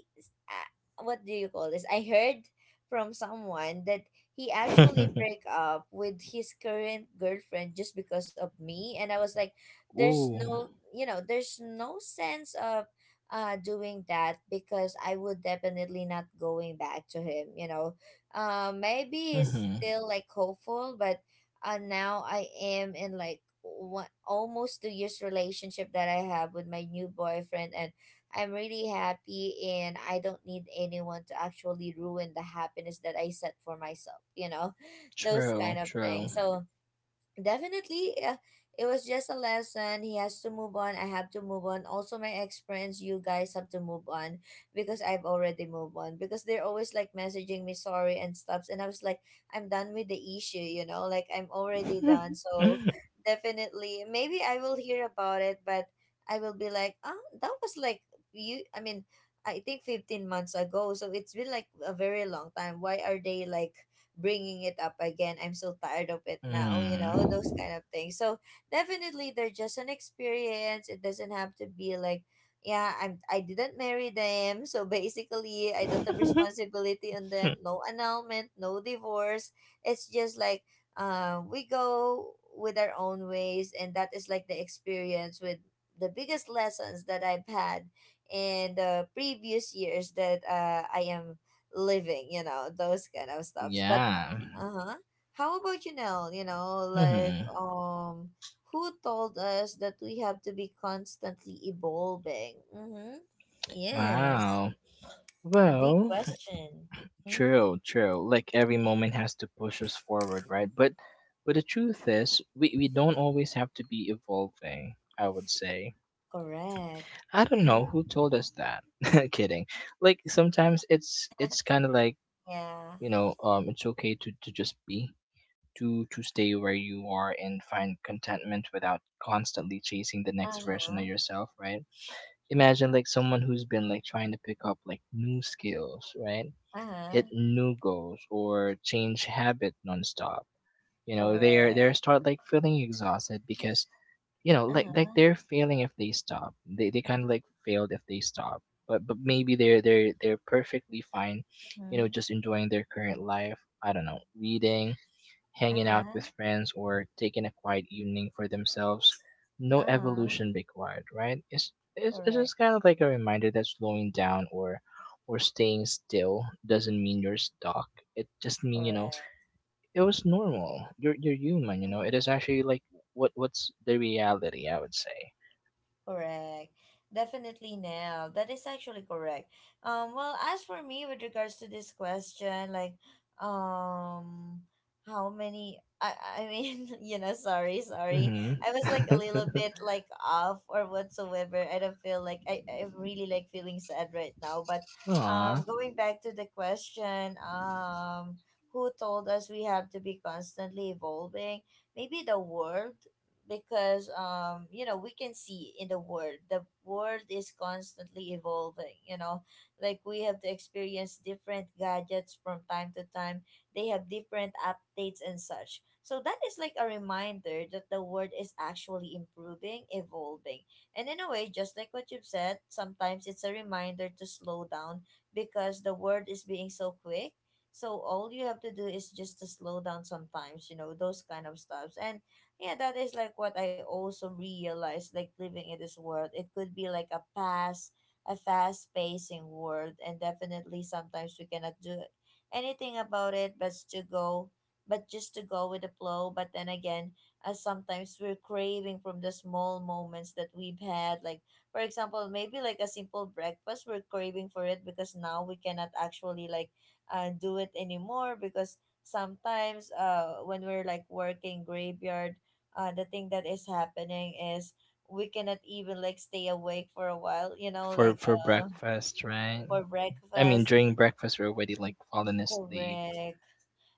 what do you call this, I heard from someone that he actually break up with his current girlfriend just because of me, and I was like, there's Ooh. no, you know, there's no sense of doing that, because I would definitely not going back to him, you know. Maybe he's Hmm. still like hopeful, but now I am in like one, almost 2 years relationship that I have with my new boyfriend, and I'm really happy, and I don't need anyone to actually ruin the happiness that I set for myself, you know, those True, kind of true. things. So definitely, it was just a lesson. He has to move on. I have to move on. Also, my ex friends, you guys have to move on, because I've already moved on. Because they're always like messaging me sorry and stuffs, and I was like, I'm done with the issue. You know, like I'm already done. So definitely, maybe I will hear about it, but I will be like, oh, that was like you. I mean, I think 15 months ago. So it's been like a very long time. Why are they like bringing it up again? I'm so tired of it now, you know, those Mm. kind of things. So definitely they're just an experience. It doesn't have to be like, yeah, I'm I didn't marry them. So basically I don't have responsibility on them. No annulment, no divorce. It's just like we go with our own ways, and that is like the experience with the biggest lessons that I've had in the previous years that I am living, you know, those kind of stuffs. But Yeah. uh-huh. How about you now? You know, like Hmm. Who told us that we have to be constantly evolving? Mm-hmm. Yes. Wow. A big Well, question. Mm-hmm. true, true. Like every moment has to push us forward, right? But the truth is, we don't always have to be evolving, I would say. Correct. I don't Mm-hmm. know who told us that. Kidding. Like sometimes it's kinda like, Yeah. you know, it's okay to just be. To stay where you are and find contentment without constantly chasing the next version of Uh-huh. yourself, right? Imagine like someone who's been like trying to pick up like new skills, right? Hit Uh-huh. new goals or change habit nonstop. You know, they're Correct. they're start like feeling exhausted because you know, like Uh-huh. they're failing if they stop. They kind of like failed if they stop. But maybe they're perfectly fine, you know, Uh-huh. just enjoying their current life. I don't know, reading, hanging out Uh-huh. with friends or taking a quiet evening for themselves. No Uh-huh. evolution required, right? It's Correct. just kind of like a reminder that slowing down or staying still doesn't mean you're stuck. It just mean you know Correct. it was normal. You're human. You know Mm-hmm. it is actually like what's the reality? I would say. Correct. Definitely, Nell. That is actually correct. Well, as for me, with regards to this question, like, um, how many? I mean, you know, sorry, sorry. Mm-hmm. I was like a little bit like off or whatsoever. I don't feel like I'm really like feeling sad right now. But, Aw, going back to the question, who told us we have to be constantly evolving? Maybe the world, because you know we can see in the world, the world is constantly evolving, you know. Like we have to experience different gadgets from time to time. They have different updates and such, so that is like a reminder that the world is actually improving, evolving. And in a way, just like what you've said, sometimes it's a reminder to slow down because the world is being so quick. So all you have to do is just to slow down sometimes, you know, those kind of stuffs. And yeah, that is like what I also realized, like living in this world. It could be like a pass, a fast pacing world, and definitely sometimes we cannot do anything about it but to go but just to go with the flow. But then again, sometimes we're craving from the small moments that we've had. Like for example, maybe like a simple breakfast, we're craving for it because now we cannot actually like do it anymore, because sometimes when we're like working graveyard, the thing that is happening is we cannot even like stay awake for a while, you know, for like for uh breakfast, right? for I mean, breakfast. during breakfast, we're already like falling asleep. Correct.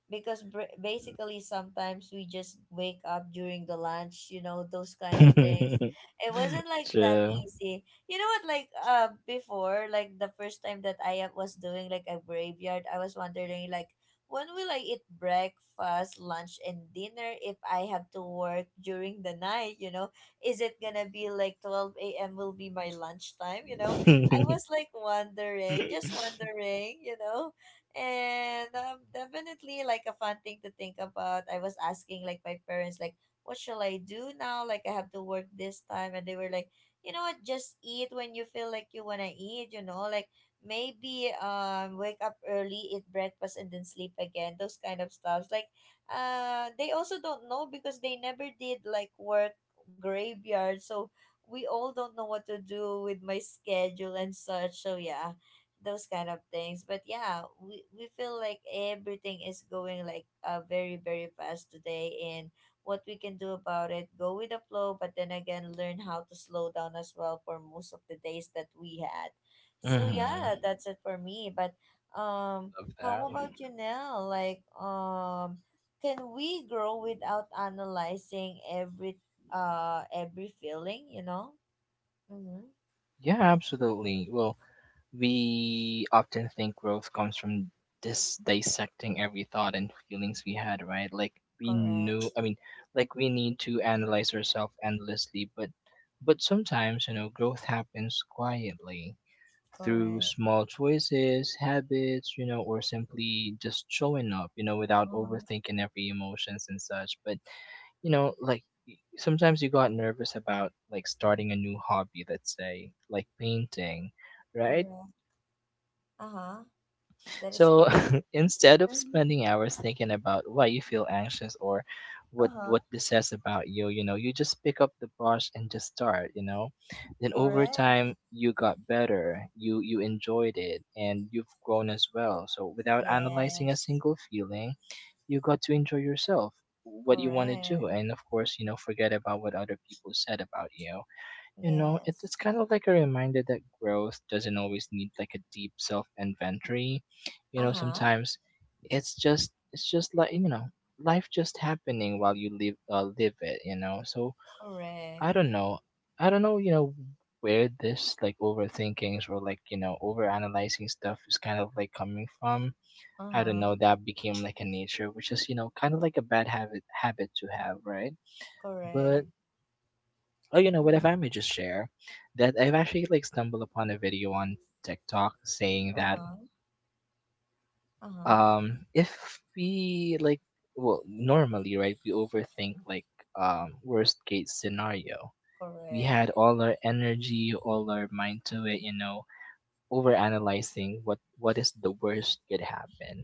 Because basically sometimes we just wake up during the lunch, you know, those kind of things. It wasn't like that True. easy, you know what, like before, like the first time that I was doing like a graveyard, I was wondering like when will I eat breakfast, lunch and dinner if I have to work during the night, you know? Is it gonna be like 12 a.m will be my lunchtime, you know? I was like wondering, just wondering, you know. And definitely like a fun thing to think about. I was asking like my parents like what shall I do now, like I have to work this time, and they were like, you know what, just eat when you feel like you want to eat, you know, like maybe wake up early, eat breakfast and then sleep again, those kind of stuffs. Like they also don't know because they never did like work graveyard, so we all don't know what to do with my schedule and such, so yeah, those kind of things. But yeah, we feel like everything is going like very very fast today, and what we can do about it, go with the flow, but then again learn how to slow down as well for most of the days that we had. So Mhm. yeah, Love that's it for me. But um how that. about you now? Like can we grow without analyzing every feeling, you know? Mm-hmm. Yeah, absolutely. Well, we often think growth comes from this dissecting every thought and feelings we had, right? Like we Correct. knew, I mean, like we need to analyze ourselves endlessly, but sometimes, you know, growth happens quietly, through Correct. small choices, habits, you know, or simply just showing up, you know, without Mm-hmm. overthinking every emotions and such. But you know, like sometimes you got nervous about like starting a new hobby, let's say, like painting, right? Correct. Uh-huh. That is So correct. instead of Mhm. spending hours thinking about why you feel anxious or what Uh-huh. what this says about you, you know, you just pick up the brush and just start, you know. Then over Correct. time you got better, you enjoyed it and you've grown as well. So without analyzing a Yes. single feeling, you got to enjoy yourself. What you want to do? Correct. And of course, you know, forget about what other people said about you. You know, it's Yes. kind of like a reminder that growth doesn't always need like a deep self inventory. You know, Uh-huh. sometimes it's just like you know life just happening while you live live it. You know, so I Correct. don't know, I don't know. You know where this like overthinkings or like you know overanalyzing stuff is kind of like coming from. I don't Uh-huh. know. That became like a nature, which is you know kind of like a bad habit to have, right? But Correct. oh, you know what? If Uh-huh. I may just share that I've actually like stumbled upon a video on TikTok saying that Uh-huh. Uh-huh. If we like well normally right we overthink like worst case scenario, we Correct. had all our energy all our mind to it, you know, overanalyzing what is the worst could happen.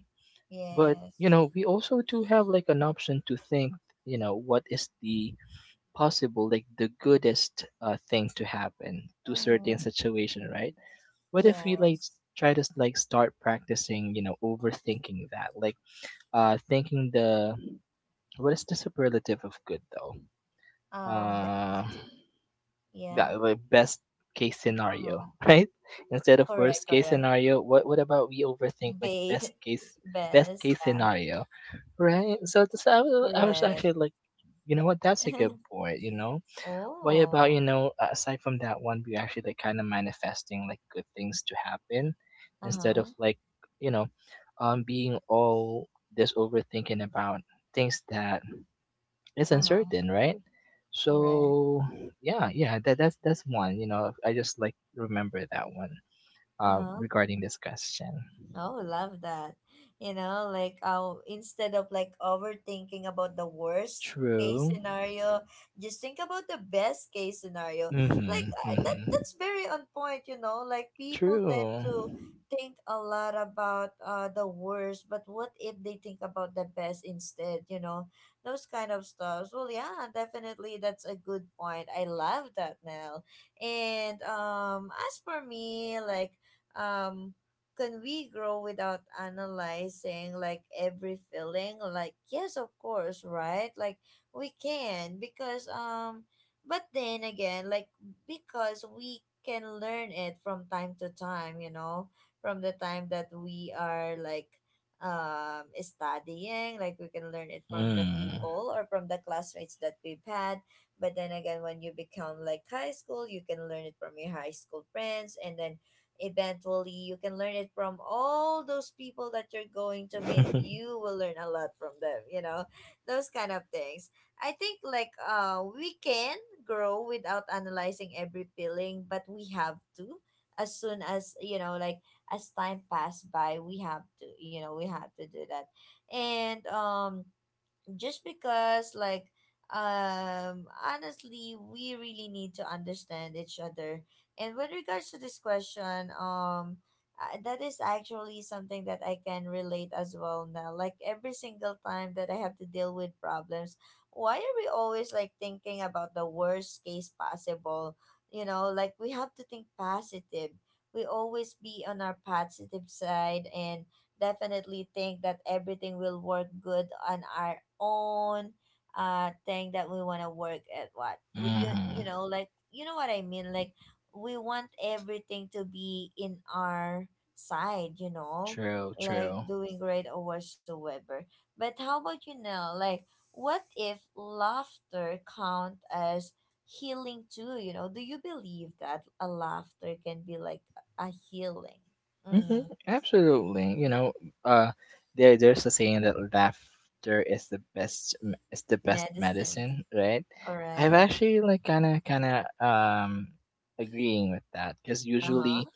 But you Yes. know we also do have like an option to think, you know, what is the possible, like the goodest thing to happen to certain Uh-huh. situation, right? What if we like Yes. try to like start practicing, you know, overthinking that, like thinking the what is the superlative of good though? Be- Uh, yeah. yeah, like best case scenario, Uh-huh. right? Instead of Correct, worst case correct. scenario, what about we overthink like Be best best, case yeah. scenario, right? So this I was Correct. actually like, you know what? That's a good point. You know, what about, Oh. you know, aside from that one, we actually like kind of manifesting like good things to happen instead of Uh-huh. like, you know, being all this overthinking about things that is Uh-huh. uncertain, right? Correct. So yeah, yeah, that's one. You know, I just like remember that one Uh-huh. regarding this question. Oh, love that. You know, like instead of like overthinking about the worst case True. scenario, just think about the best case scenario. Like Mm-hmm. That Mm-hmm. that's very on point, you know. Like people tend True. to think a lot about the worst, but what if they think about the best instead, you know? Those kind of stuff. Well, yeah, definitely that's a good point. I love that now. And as for me, like um can we grow without analyzing like every feeling? Like yes, of course, right? Like we can because but then again, like because we can learn it from time to time, you know, from the time that we are like studying, like we can learn it from the Mm. people or from the classmates that we've had. But then again, when you become like high school, you can learn it from your high school friends, and then eventually you can learn it from all those people that you're going to meet. You will learn a lot from them, you know, those kind of things. I think like we can grow without analyzing every feeling, but we have to as soon as, you know, like as time passed by, we have to, you know, we have to do that. And just because like honestly, we really need to understand each other. And with regards to this question, that is actually something that I can relate as well now. Like every single time that I have to deal with problems, why are we always like thinking about the worst case possible? You know, like we have to think positive, we always be on our positive side, and definitely think that everything will work good on our own thing that we want to work at, what we you, Mm-hmm. you know, like you know what I mean, like we want everything to be in our side, you know, True. like True. doing great or whatsoever. But how about you now? Like what if laughter count as healing too? You know, do you believe that a laughter can be like a healing? Hmm, Mm-hmm. absolutely. You know, uh, there there's a saying that laughter is the is the best Medicine. medicine, right? I've Correct. actually like kind of agreeing with that because Uh-huh. usually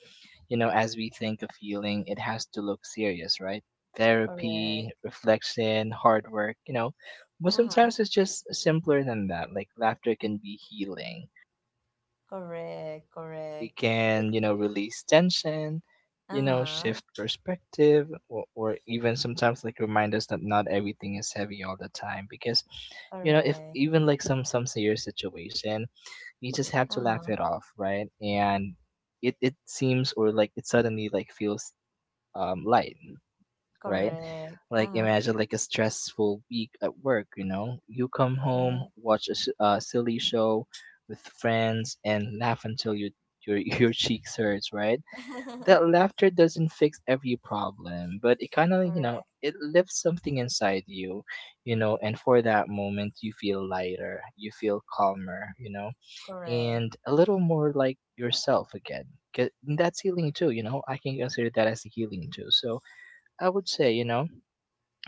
you know as we think of healing, it has to look serious, right? Therapy, Correct. reflection, hard work, you know. But Uh huh. sometimes it's just simpler than that. Like laughter can be healing. Correct, correct. It It, can you know release tension, you know, uh-huh, shift perspective, or even sometimes like remind us that not everything is heavy all the time because you know if correct. even like some serious situation you just have to laugh Uh-huh, it off right. And it seems or like it suddenly like feels light, right? correct. Like Uh-huh, imagine like a stressful week at work, you know? You come home, correct. watch a, a silly show with friends and laugh until your your cheeks hurts, right? That laughter doesn't fix every problem, but it kind of, you know, Correct, it lifts something inside you, you know, and for that moment you feel lighter, you feel calmer, you know, correct. and a little more like yourself again. 'Cause that's healing too, you know. I can consider that as a healing too. So I would say, you know,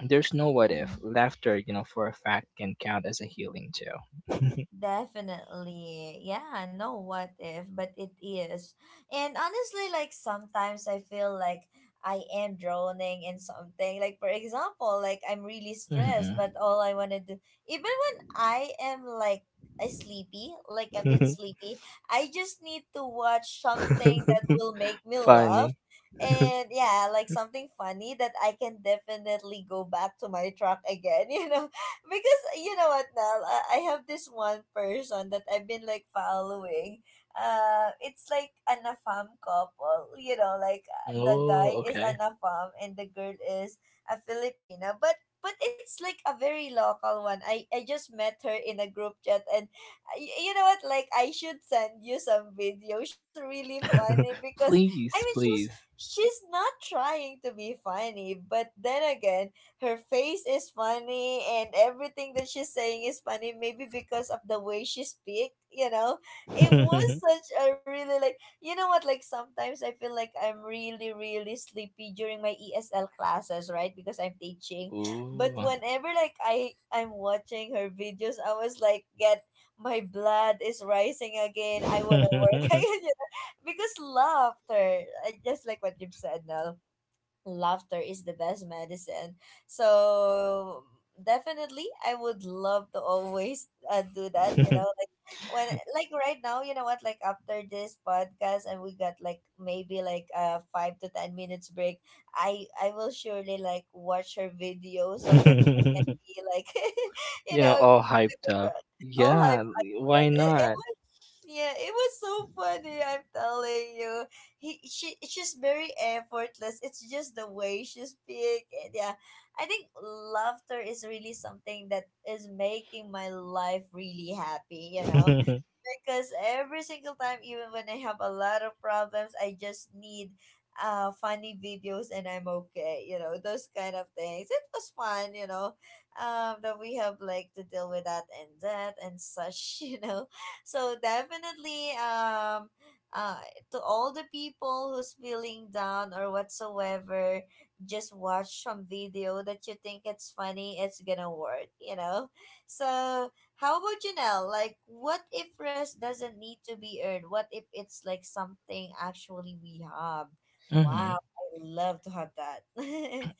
there's no what Mm-hmm. if. Laughter, you know, for a fact can count as a healing too. Definitely. Yeah, no what if, but it is. And honestly, like sometimes I feel like I am drowning in something. Like for example, like I'm really stressed, but Mhm. all I want to do, even when I am like a sleepy, like a bit sleepy, I just need to watch something that will make me laugh. Funny. And yeah, like something funny that I can definitely go back to my track again, you know? Because you know what, Nell, I have this one person that I've been like following. It's like an afam couple, you know, like the guy Oh, is okay. an afam and the girl is a Filipina, but it's like a very local one. I just met her in a group chat, and you know what, like I should send you some video. She's really funny because I Please, mean she's please. she's not trying to be funny, but then again, her face is funny and everything that she's saying is funny, maybe because of the way she speak, you know. It was such a really, like, you know what, like sometimes I feel like I'm really really sleepy during my esl classes, right, because I'm teaching. But Ooh. whenever like I'm watching her videos, I was like, get, my blood is rising again, I want to work again, You you know? Because laughter, I just like what you've said now, laughter is the best medicine. So definitely I would love to always do that, you know, like when, like right now, you know what, like after this podcast and we got like maybe like a 5 to 10 minutes break, I will surely like watch her video so that I can be like you know, know, all hyped up. all Yeah, hyped. why It not? was, yeah, it was so funny. I'm telling you, he she's very effortless. It's just the way she speak. And yeah, I think laughter is really something that is making my life really happy. You know, because every single time, even when I have a lot of problems, I just need funny videos and I'm okay, you know, those kind of things. It was fun, you know, that we have like to deal with that and that and such, you know. So definitely, uh to all the people who's feeling down or whatsoever, just watch some video that you think it's funny, it's gonna work, you know. So how about you, Nell? Like, what if rest doesn't need to be earned? What if it's like something actually we have? Wow, Mhm. I love to have that.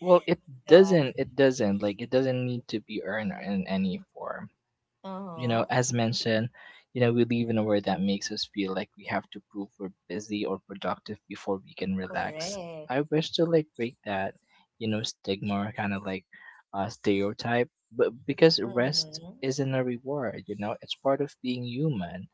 Well, it Go on. doesn't. It doesn't. Like, it doesn't need to be earned in any form, you know, Uh-huh. as mentioned, you know, we live in a world that makes us feel like we have to prove we're busy or productive before we can relax. Correct. I wish to like break that, you know, stigma or kind of like stereotype, but because rest Mm-hmm. isn't a reward, you know, it's part of being human.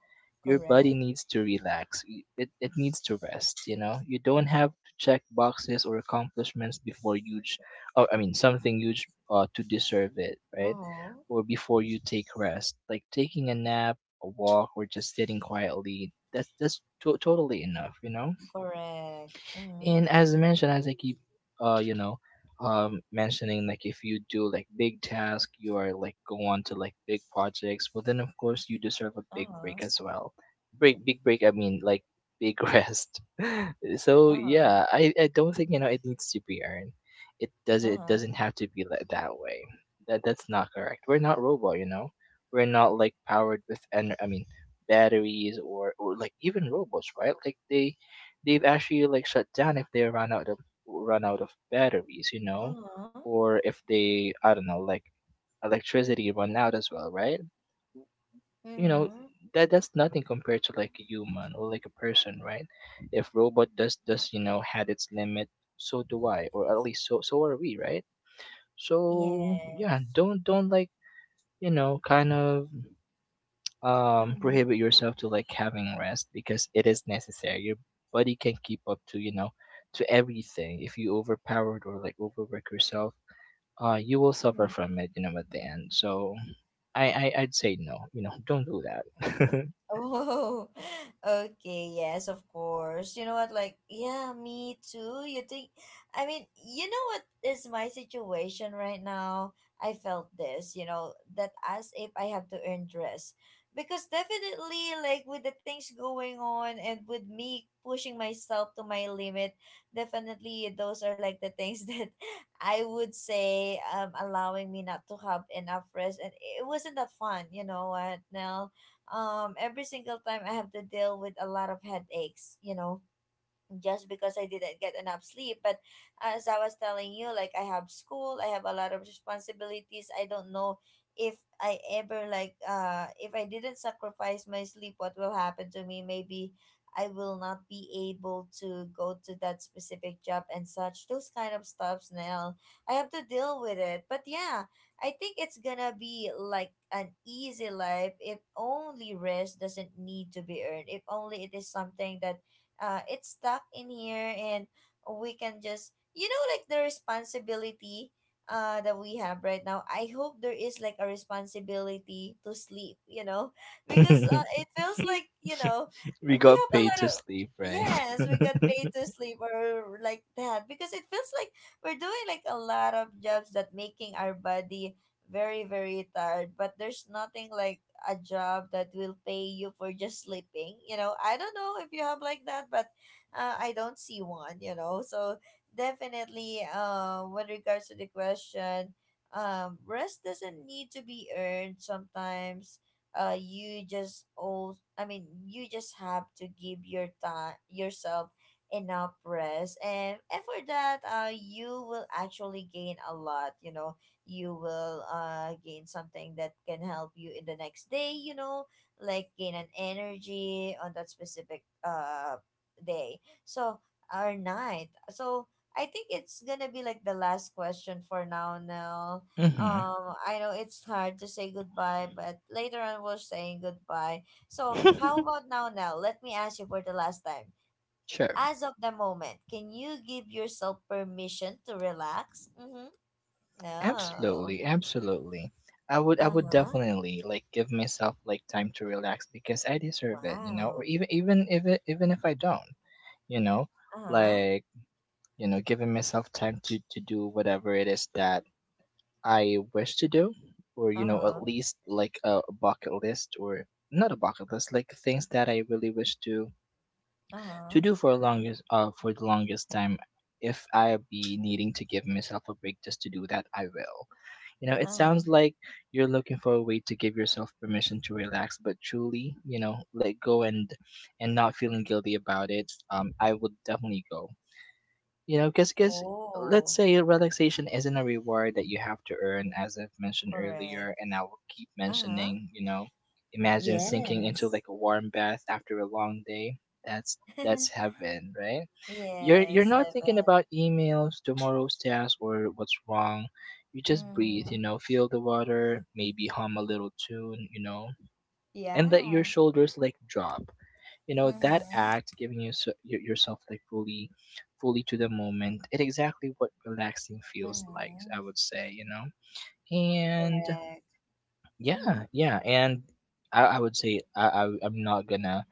Your body Correct. needs to relax. It needs to rest, you know. You don't have to check boxes or accomplishments before huge, or I mean, something huge to deserve it, right? Uh-huh. Or before you take rest. Like taking a nap, a walk, or just sitting quietly. Totally enough, you know. Correct. Mm-hmm. And as mentioned, as I keep, you know, mentioning like if you do like big task, you are like go on to like big projects. Well, then of course you deserve a big Uh-huh. break as well. Break, big break. I mean, like big rest. So Uh-huh. yeah, I don't think you know it needs to be earned. It does it Uh-huh. doesn't have to be like that way. That that's not correct. We're not robot, you know. We're not like powered with I mean batteries or like even robots, right? Like they they've actually like shut down if they run out of batteries, you know, Uh-huh. or if they I don't know like electricity run out as well, right? You know Mm-hmm. that that's nothing compared to like a human or like a person, right? If robot does you know had its limit, so do I, or at least so are we, right? So yeah, Yes. don't like you know kind of Mm-hmm. prohibit yourself to like having rest because it is necessary your body can keep up to you know to everything if you overpowered or like overwork yourself, you will suffer from it you know at the end. So I'd say no, you know, don't do that. Oh, okay. Yes, of course. You know what? Like, yeah, me too. You think, I mean, you know what is my situation right now? I felt this, you know, that as if I have to earn dress. Because definitely, like, with the things going on and with me pushing myself to my limit, definitely those are like the things that I would say allowing me not to have enough rest. And it wasn't that fun, you know what, Nell? Every single time I have to deal with a lot of headaches, you know, just because I didn't get enough sleep. But as I was telling you, like I have school, I have a lot of responsibilities. I don't know if I ever like if I didn't sacrifice my sleep, what will happen to me? Maybe I will not be able to go to that specific job and such. Those kind of stuffs now. I have to deal with it. But yeah, I think it's gonna be like an easy life if only rest doesn't need to be earned. If only it is something that it's stuck in here, and we can just, you know, like the responsibility that we have right now. I hope there is like a responsibility to sleep, you know, because it feels like, you know, We we got have a paid lot to of, sleep, right? yes, we got paid to sleep or like that, because it feels like we're doing like a lot of jobs that making our body very very tired, but there's nothing like a job that will pay you for just sleeping. You know, I don't know if you have like that, but I don't see one, you know. So definitely, with regards to the question, rest doesn't need to be earned sometimes. You just all I mean, you just have to give your time yourself enough rest, and for that you will actually gain a lot, you know. You will gain something that can help you in the next day, you know, like gain an energy on that specific day. So or night. So I think it's gonna be like the last question for now, Nell. Hmm. I know it's hard to say goodbye, but later on we're saying goodbye. So how about now, Nell? Let me ask you for the last time, Sure. as of the moment, can you give yourself permission to relax? Mm-hmm. No. Absolutely, absolutely. I would Uh-huh. definitely like give myself like time to relax because I deserve it, you know, or Wow. even if I don't, you know, Uh-huh. like, you know, giving myself time to do whatever it is that I wish to do, or, you know, Uh-huh. at least like a bucket list or not a bucket list, like things that I really wish Uh-huh. to do for a longest for the longest time. If I be needing to give myself a break just to do that, I will. You know, it Uh-huh. sounds like you're looking for a way to give yourself permission to relax, but truly, you know, let go and not feeling guilty about it. I would definitely go. You know, because let's Oh, say relaxation isn't a reward that you have to earn, as I've mentioned correct. earlier, and I will keep Uh-huh. mentioning. You know, imagine sinking into Yes. like a warm bath after a long day. That's heaven, right? You're Yes, not heaven. thinking about emails, tomorrow's task, or what's wrong. You just breathe, you Mm-hmm. know, feel the water, maybe hum a little tune, you know, and let your Yeah. shoulders like drop. You know that act Mm-hmm. giving you yourself like fully to the moment, it exactly what relaxing feels like, I Mm-hmm. would say, you know. And Correct. yeah, Mm-hmm. yeah, and I would say I'm not gonna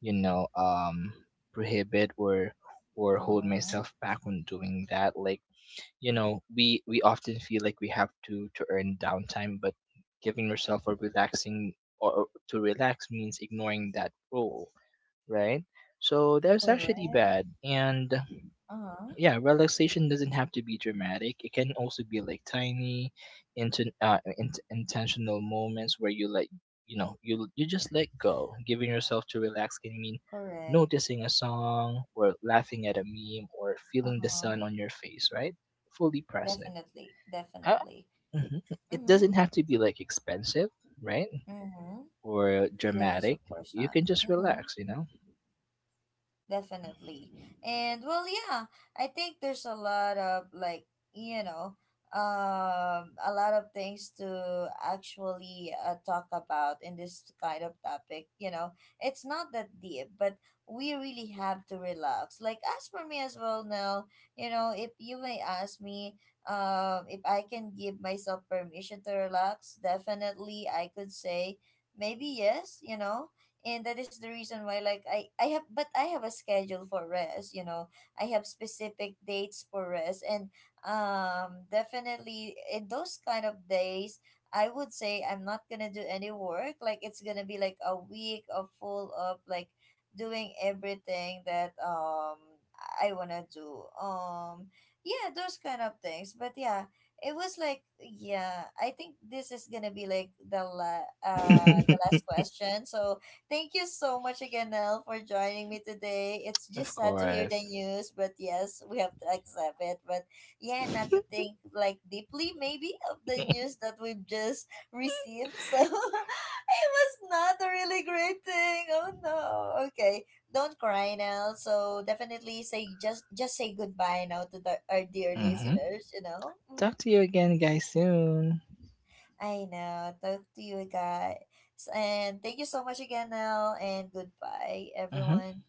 you know prohibit or hold Uh-huh. myself back on doing that, like you know we often feel like we have to earn downtime, but giving yourself a relaxing or to relax means ignoring that rule, right? So that's actually Correct. bad. And Uh-huh. yeah, relaxation doesn't have to be dramatic. It can also be like tiny, intentional moments where you like, you know, you just let go. Giving yourself to relax can mean Correct. noticing a song or laughing at a meme or feeling the Uh-huh. sun on your face, right? Fully present. Definitely. Uh, Definitely. mhm. It Mm-hmm. doesn't have to be like expensive, right? Mm-hmm. Or Yes, dramatic. of course You not. can just Mm-hmm. relax, you know? Definitely. And well, yeah, I think there's a lot of like, you know, a lot of things to actually talk about in this kind of topic, you know. It's not that deep, but we really have to relax. Like as for me as well now, you know, if you may ask me if I can give myself permission to relax, definitely I could say maybe yes, you know. And that is the reason why like I have, but I have a schedule for rest, you know. I have specific dates for rest, and definitely in those kind of days, I would say I'm not gonna do any work. Like it's gonna be like a week of full of like doing everything that I wanna do. Yeah, those kind of things. But yeah, it was like, yeah, I think this is gonna be like the the last question. So thank you so much again, Nell, for joining me today. It's just Of sad to hear the course. news, but yes, we have to accept it. But yeah, not to think like deeply maybe of the news that we've just received. So it was not a really great thing. Oh no. Okay. Don't cry now. So definitely say, just say goodbye now to the, our dear Hmm. listeners, you know? Mhm. Talk to you again, guys, soon. I know. Talk to you guys. And thank you so much again, Nell. And goodbye, Hmm. everyone.